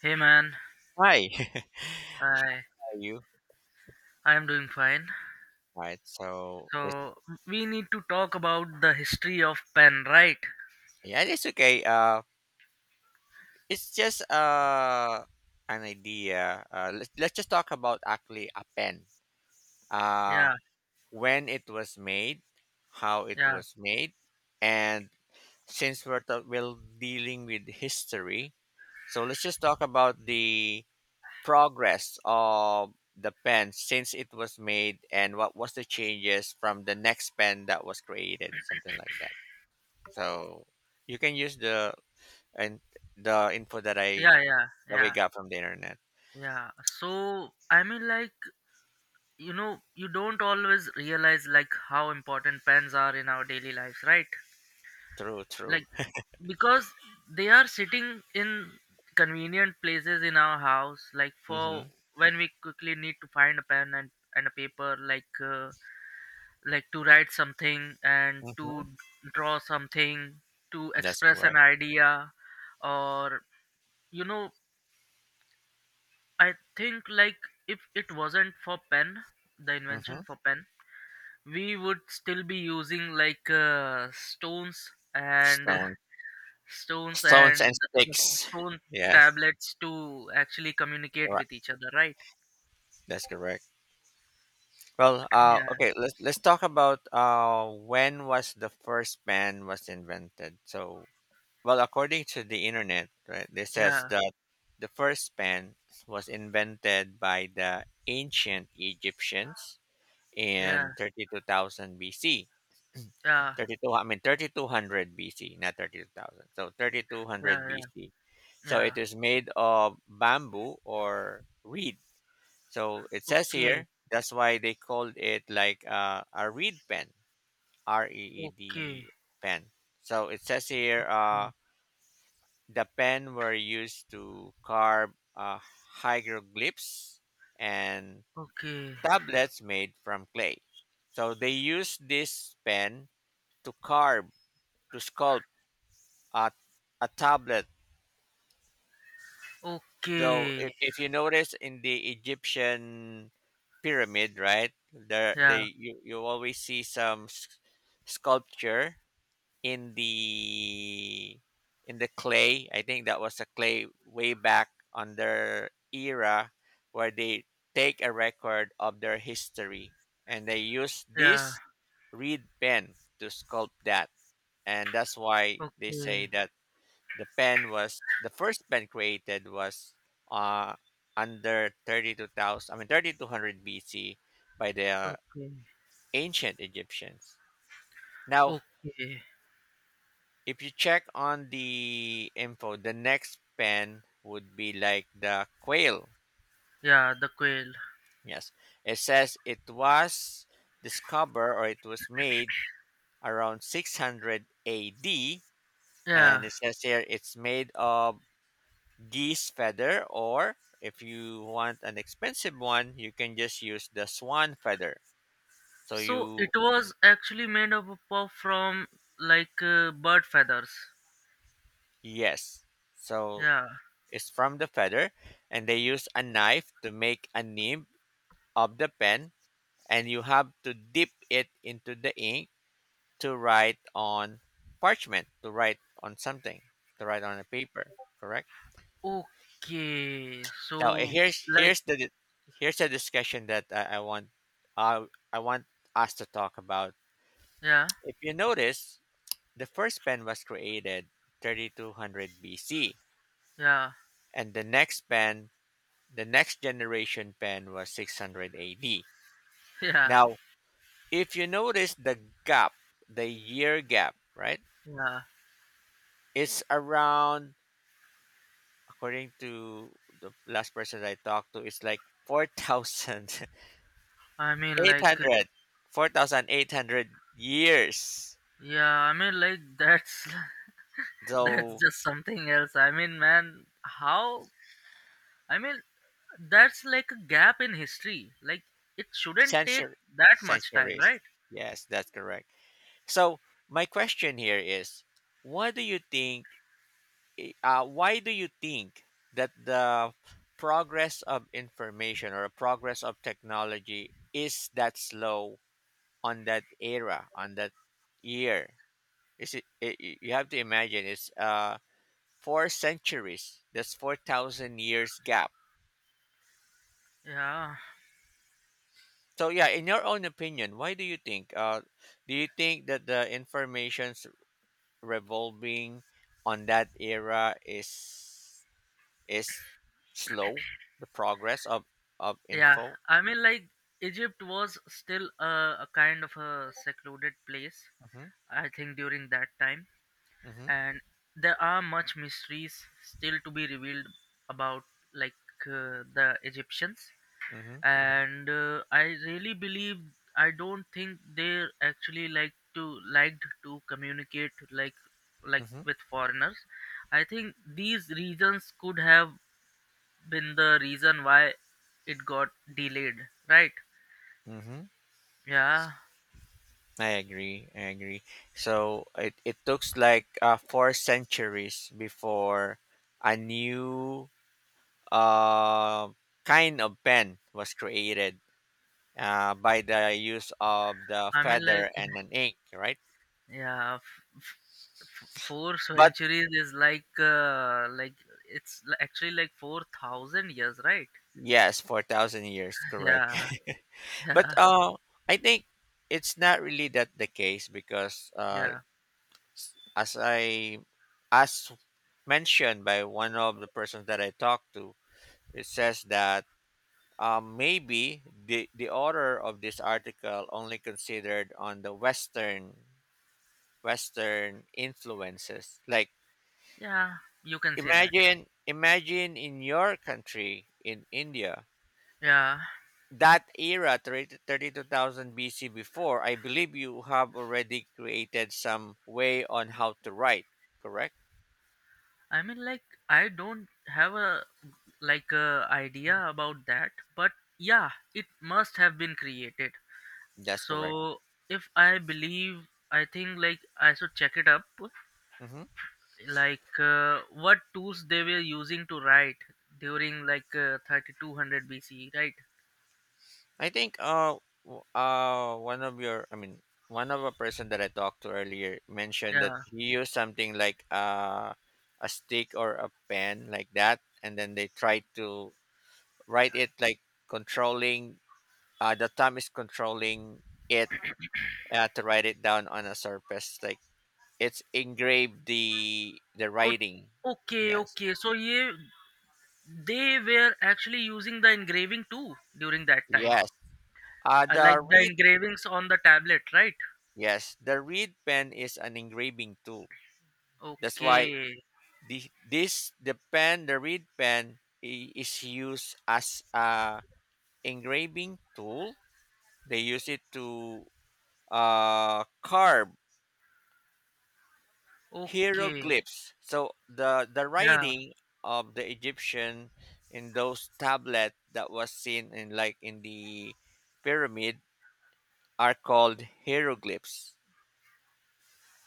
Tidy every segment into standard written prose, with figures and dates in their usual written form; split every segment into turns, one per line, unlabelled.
Hey man,
Hi, how
I
are you?
I am doing fine.
Right, so it's
So we need to talk about the history of pen, right?
yeah, it's okay. It's just an idea. Let's just talk about actually a pen. Uh,
Yeah,
when it was made, how it
yeah,
was made, and since we're dealing with history, so let's just talk about the progress of the pen since it was made and what was the changes from the next pen that was created, something like that. So you can use and the info that I
yeah, yeah,
that we
yeah,
got from the internet.
yeah. So I mean, you don't always realize like how important pens are in our daily lives, right?
True, true.
Like because they are sitting in convenient places in our house, like for
Mm-hmm.
when we quickly need to find a pen and a paper, like. Like to write something and to
Mm-hmm.
draw something to
That's
express an
correct.
idea or you know I think like if it wasn't for pen the
Mm-hmm.
invention for pen we would still be using like stones and
Stones,
stones
stones and
and the
sticks.
stone
Yes,
tablets to actually communicate with
correct.
each other, right?
That's correct. Well,
Yeah,
okay. Let's talk about when was the first pen was invented. So, well, according to the internet, right, this says
yeah,
that the first pen was invented by the ancient Egyptians
yeah,
in 32,000 BC.
yeah,
32, I mean 3200 BC, not 32,000. So 3200
yeah, yeah,
BC. So
yeah.
it is made of bamboo or reed. So it says
Okay,
here that's why they called it like a reed pen, R E E
okay.
D pen. So it says here
mm,
the pen were used to carve hieroglyphs and
okay.
tablets made from clay. So they used this pen to carve, to sculpt a, a tablet. Though, if,
Okay.
if you notice in the Egyptian pyramid, right, there
Yeah,
they you always see some sculpture in the clay. I think that was a clay way back on their era where they take a record of their history and they use
yeah.
this reed pen to sculpt that. And that's why they
Okay,
say that the first pen created was uh, under 32,000 I mean 3200 BC by the
okay,
ancient Egyptians. Now,
okay.
if you check on the info, the next pen would be like the quail.
Yeah, the quail.
Yes. It says it was discovered or it was made around 600 AD
Yeah.
and it says here it's made of geese feather, or if you want an expensive one, you can just use the swan feather. So
So it
you,
was actually made up of from like bird feathers.
yes. So
Yeah.
it's from the feather, and they use a knife to make a nib of the pen, and you have to dip it into the ink to write on parchment, to write on something, to write on a paper, correct?
Okay.
Now
So like
here's the discussion that I want uh, I want us to talk about.
yeah,
If you notice, the first pen was created 3200 BC,
yeah,
and the next generation pen was 600 AD.
yeah,
Now, if you notice the gap, the year gap, right?
yeah.
It's around According to the last person I talked to, it's like
I mean like
4800 years.
yeah, I mean like that's that's
So
just something else. I mean man, how I mean that's like a gap in history. Like it shouldn't take
century
that much time,
centuries.
right?
Yes, that's correct. So my question here is, what do you think? Why do you think that the progress of information or progress of technology is that slow on that era, on that year? Is it, I- You have to imagine it's 4 centuries. That's 4,000 years gap.
Yeah,
So yeah, in your own opinion, why do you think? Do you think that the information revolving on that era is slow? The progress of
yeah.
info.
I mean, like Egypt was still a kind of a secluded place.
Mhm,
I think during that time,
mhm,
and there are much mysteries still to be revealed about like the Egyptians.
mhm,
And I really believe I don't think they actually liked to communicate like
mhm,
with foreigners. I think these reasons could have been the reason why it got delayed, right?
mhm.
Yeah,
I agree. I agree. So it took like 4 centuries before a new uh, kind of pen was created, by the use of the
I mean like
feather and an ink, right?
yeah four
But
centuries is like actually like 4000 years, right?
yes, 4,000 years, correct.
Yeah,
But
yeah,
uh, I think it's not really that the case, because
yeah,
as I as mentioned by one of the persons that I talked to, it says that maybe the author of this article only considered on the Western influences. Like,
yeah. You can say that.
imagine in your country in India,
Yeah,
that era, 32000 BC before, I believe you have already created some way on how to write, correct?
I mean, like, I don't have a like a idea about that, but yeah, it must have been created.
That's correct.
So if I believe, I think like I should check it up,
Hmm.
like what tools they were using to write during like 3200 hundred BC, right?
I think, one of your I mean, one of a person that I talked to earlier mentioned that
Yeah.
he used something like a stick or a pen like that, and then they tried to write it like controlling, the thumb is controlling it, to write it down on a surface, like it's engraved, the
Oh,
writing.
okay,
Yes.
okay. So yeah, they were actually using the engraving too during that time.
Yes.
I like
The
the
reed
engravings on the tablet, right?
yes, the reed pen is an engraving tool. That's why
Okay.
the pen, the reed pen is used as a engraving tool. They use it to carve
Okay.
hieroglyphs. So the
Yeah.
writing of the Egyptian in those tablet that was seen in like in the pyramid are called hieroglyphs.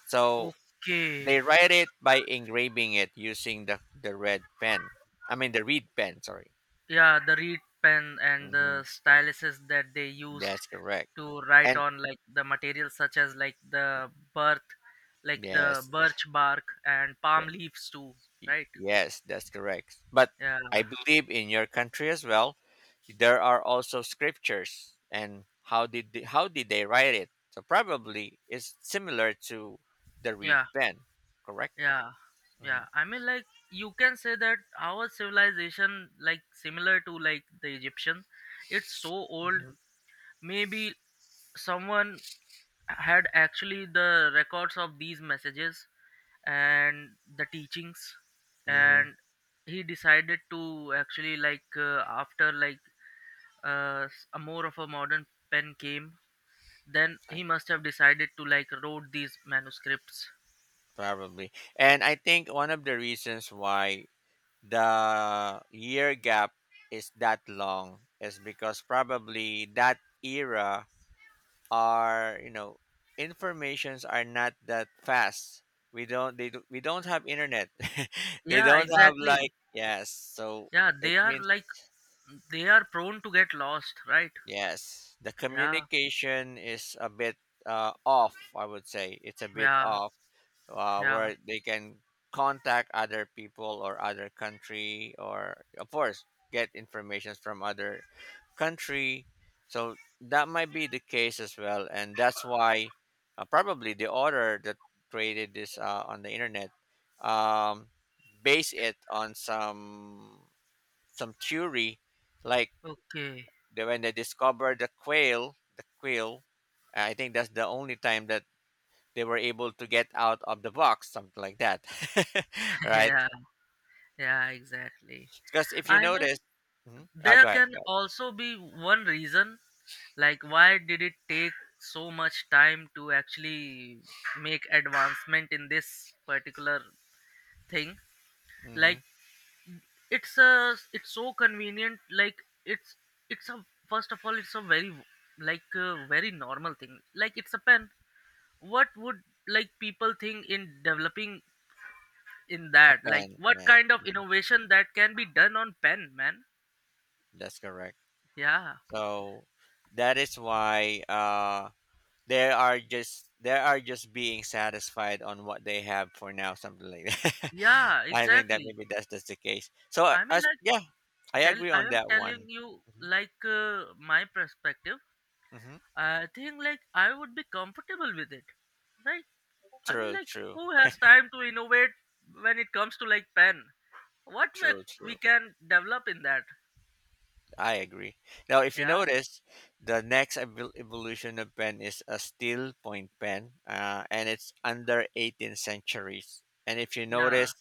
So
Okay.
they write it by engraving it using the red pen. I mean, the reed pen, sorry.
Yeah, the reed pen and
Hmm.
the styluses that they used
That's correct.
to write
And
on like the materials such as like the birth like the
yes,
birch bark and palm
the-
leaves too, right?
yes, that's correct. But
Yeah.
I believe in your country as well, there are also scriptures. And how did they write it? So probably it's similar to the reed
Yeah.
pen, correct?
Yeah. Yeah.
Mm-hmm.
I mean like you can say that our civilization like similar to like the Egyptian, it's so old.
Mm-hmm.
Maybe someone had actually the records of these messages and the teachings,
Mm-hmm.
and he decided to actually like after like a more of a modern pen came, then he must have decided to like wrote these manuscripts.
Probably. And I think one of the reasons why the year gap is that long is because probably that era are, informations are not that fast. We don't have internet. They
Yeah,
don't have,
exactly.
like, yes. So
Yeah,
it
they are
means,
like they are prone to get lost, right?
yes, the
Yeah,
communication is a bit, off, I would say. It's a bit
yeah,
off,
yeah,
where they can contact other people or other country, or of course get information from other country, so that might be the case as well. And that's why, probably the author that created this, on the internet, um, base it on some theory, like
okay,
when they discovered the quail. I think that's the only time that they were able to get out of the box, something like that, right?
yeah, yeah, exactly.
Because if you
i mean
notice. Mhm. Oh,
there
go ahead,
can
go ahead.
also be one reason. Like, why did it take so much time to actually make advancement in this particular thing?
Hmm.
Like, it's a it's so convenient. Like, it's a first of all, it's a very like a very normal thing. Like, it's a pen. What would like people think in developing in
A
that? Like,
pen,
what
yeah,
kind of innovation that can be done on pen, man?
that's correct.
Yeah,
So that is why they are just being satisfied on what they have for now, something like that.
yeah,
I think that
exactly.
maybe that's just the case. So,
I mean,
as
like.
yeah, I
Tell
agree
I
on
am
that
telling
one.
you
Hmm.
like my perspective,
Hmm.
I think like I would be comfortable with it, right? I mean
True,
like,
true,
who has time to innovate when it comes to like pen? what we,
true,
we
true.
can develop in that.
I agree. Now, if you
Yeah,
notice, the next evolution of pen is a steel point pen, and it's under 18th centuries. And if you
yeah,
notice,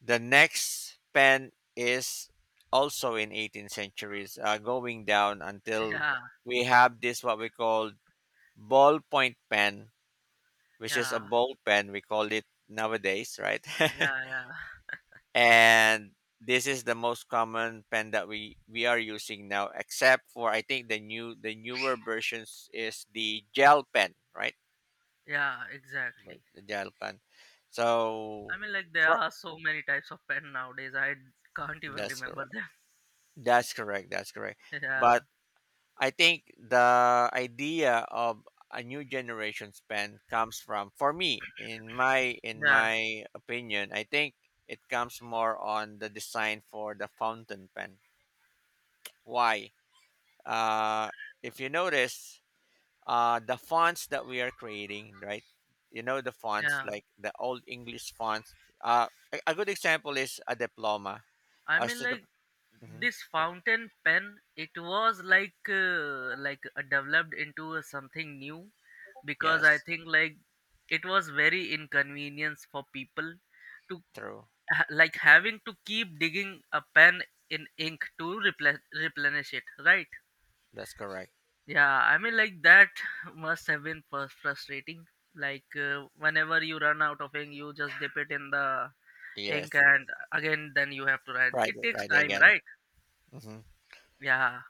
the next pen is also in 18th centuries, going down until
yeah,
we have this what we call ballpoint pen, which is a
yeah,
ball pen. We call it nowadays, right?
yeah, yeah,
And this is the most common pen that we are using now, except for I think the newer versions is the gel pen, right?
yeah exactly.
The gel pen.
I
So,
mean like, there
pro-
are so many types of pen nowadays, I can't even
that's
remember
correct,
them.
that's correct, that's correct.
Yeah,
But I think the idea of a new generation's pen comes from for me, in
yeah,
my opinion, I think it comes more on the design for the fountain pen. Why? uh, if you notice, the fonts that we are creating, right? You know, the fonts
yeah.
like the old English fonts, a, good example is a diploma.
I
uh,
mean,
so the,
like
Mhm.
this fountain pen, it was like developed into a something new, because I
Yes.
think like it was very inconvenience for people to
True.
like having to keep digging a pen in ink to replenish it, right?
That's correct.
Yeah, I mean, like that must have been frustrating. Like whenever you run out of ink, you just dip it in the ink,
Yes.
and again, then you have to write.
Write,
It takes
right,
time,
again.
right?
Hmm.
Yeah.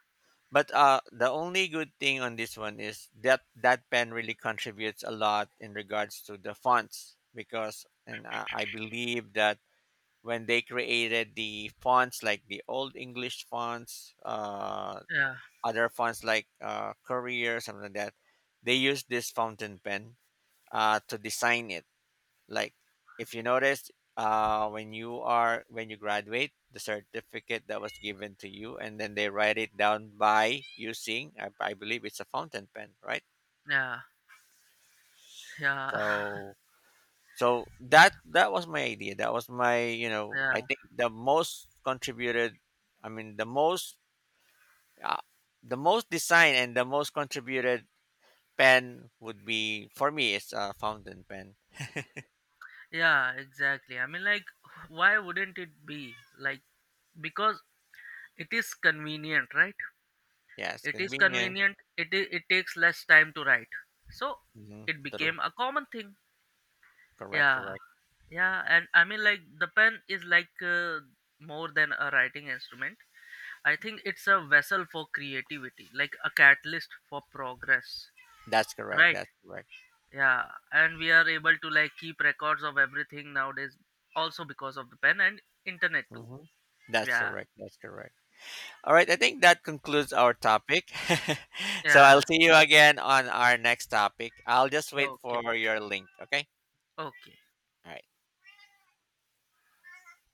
But the only good thing on this one is that that pen really contributes a lot in regards to the fonts, because and I believe that when they created the fonts like the old English fonts,
Yeah,
other fonts like Courier, something like that. They used this fountain pen to design it. Like, if you notice, when you graduate, the certificate that was given to you, and then they write it down by using, I believe, it's a fountain pen, right?
yeah, yeah,
So so that was my idea. That was my, you know,
yeah,
I think the most contributed, I mean, the most, uh, the most design, and the most contributed pen would be, for me, it's a fountain pen.
yeah, exactly. I mean, like, why wouldn't it be? Like, because it is convenient, right?
Yes,
It is
convenient.
convenient, it takes less time to write. So,
Hmm.
it
True.
became a common thing.
Correct,
Yeah,
correct.
yeah, and I mean, like, the pen is like more than a writing instrument. I think it's a vessel for creativity, like a catalyst for progress,
That's correct,
right?
that's correct.
Yeah. And we are able to like keep records of everything nowadays, also because of the pen and internet too.
Hmm. That's
Yeah,
correct, that's correct. All right, I think that concludes our topic. So I'll
yeah,
see you again on our next topic. I'll just wait
okay,
for your link, okay?
okay.
All right.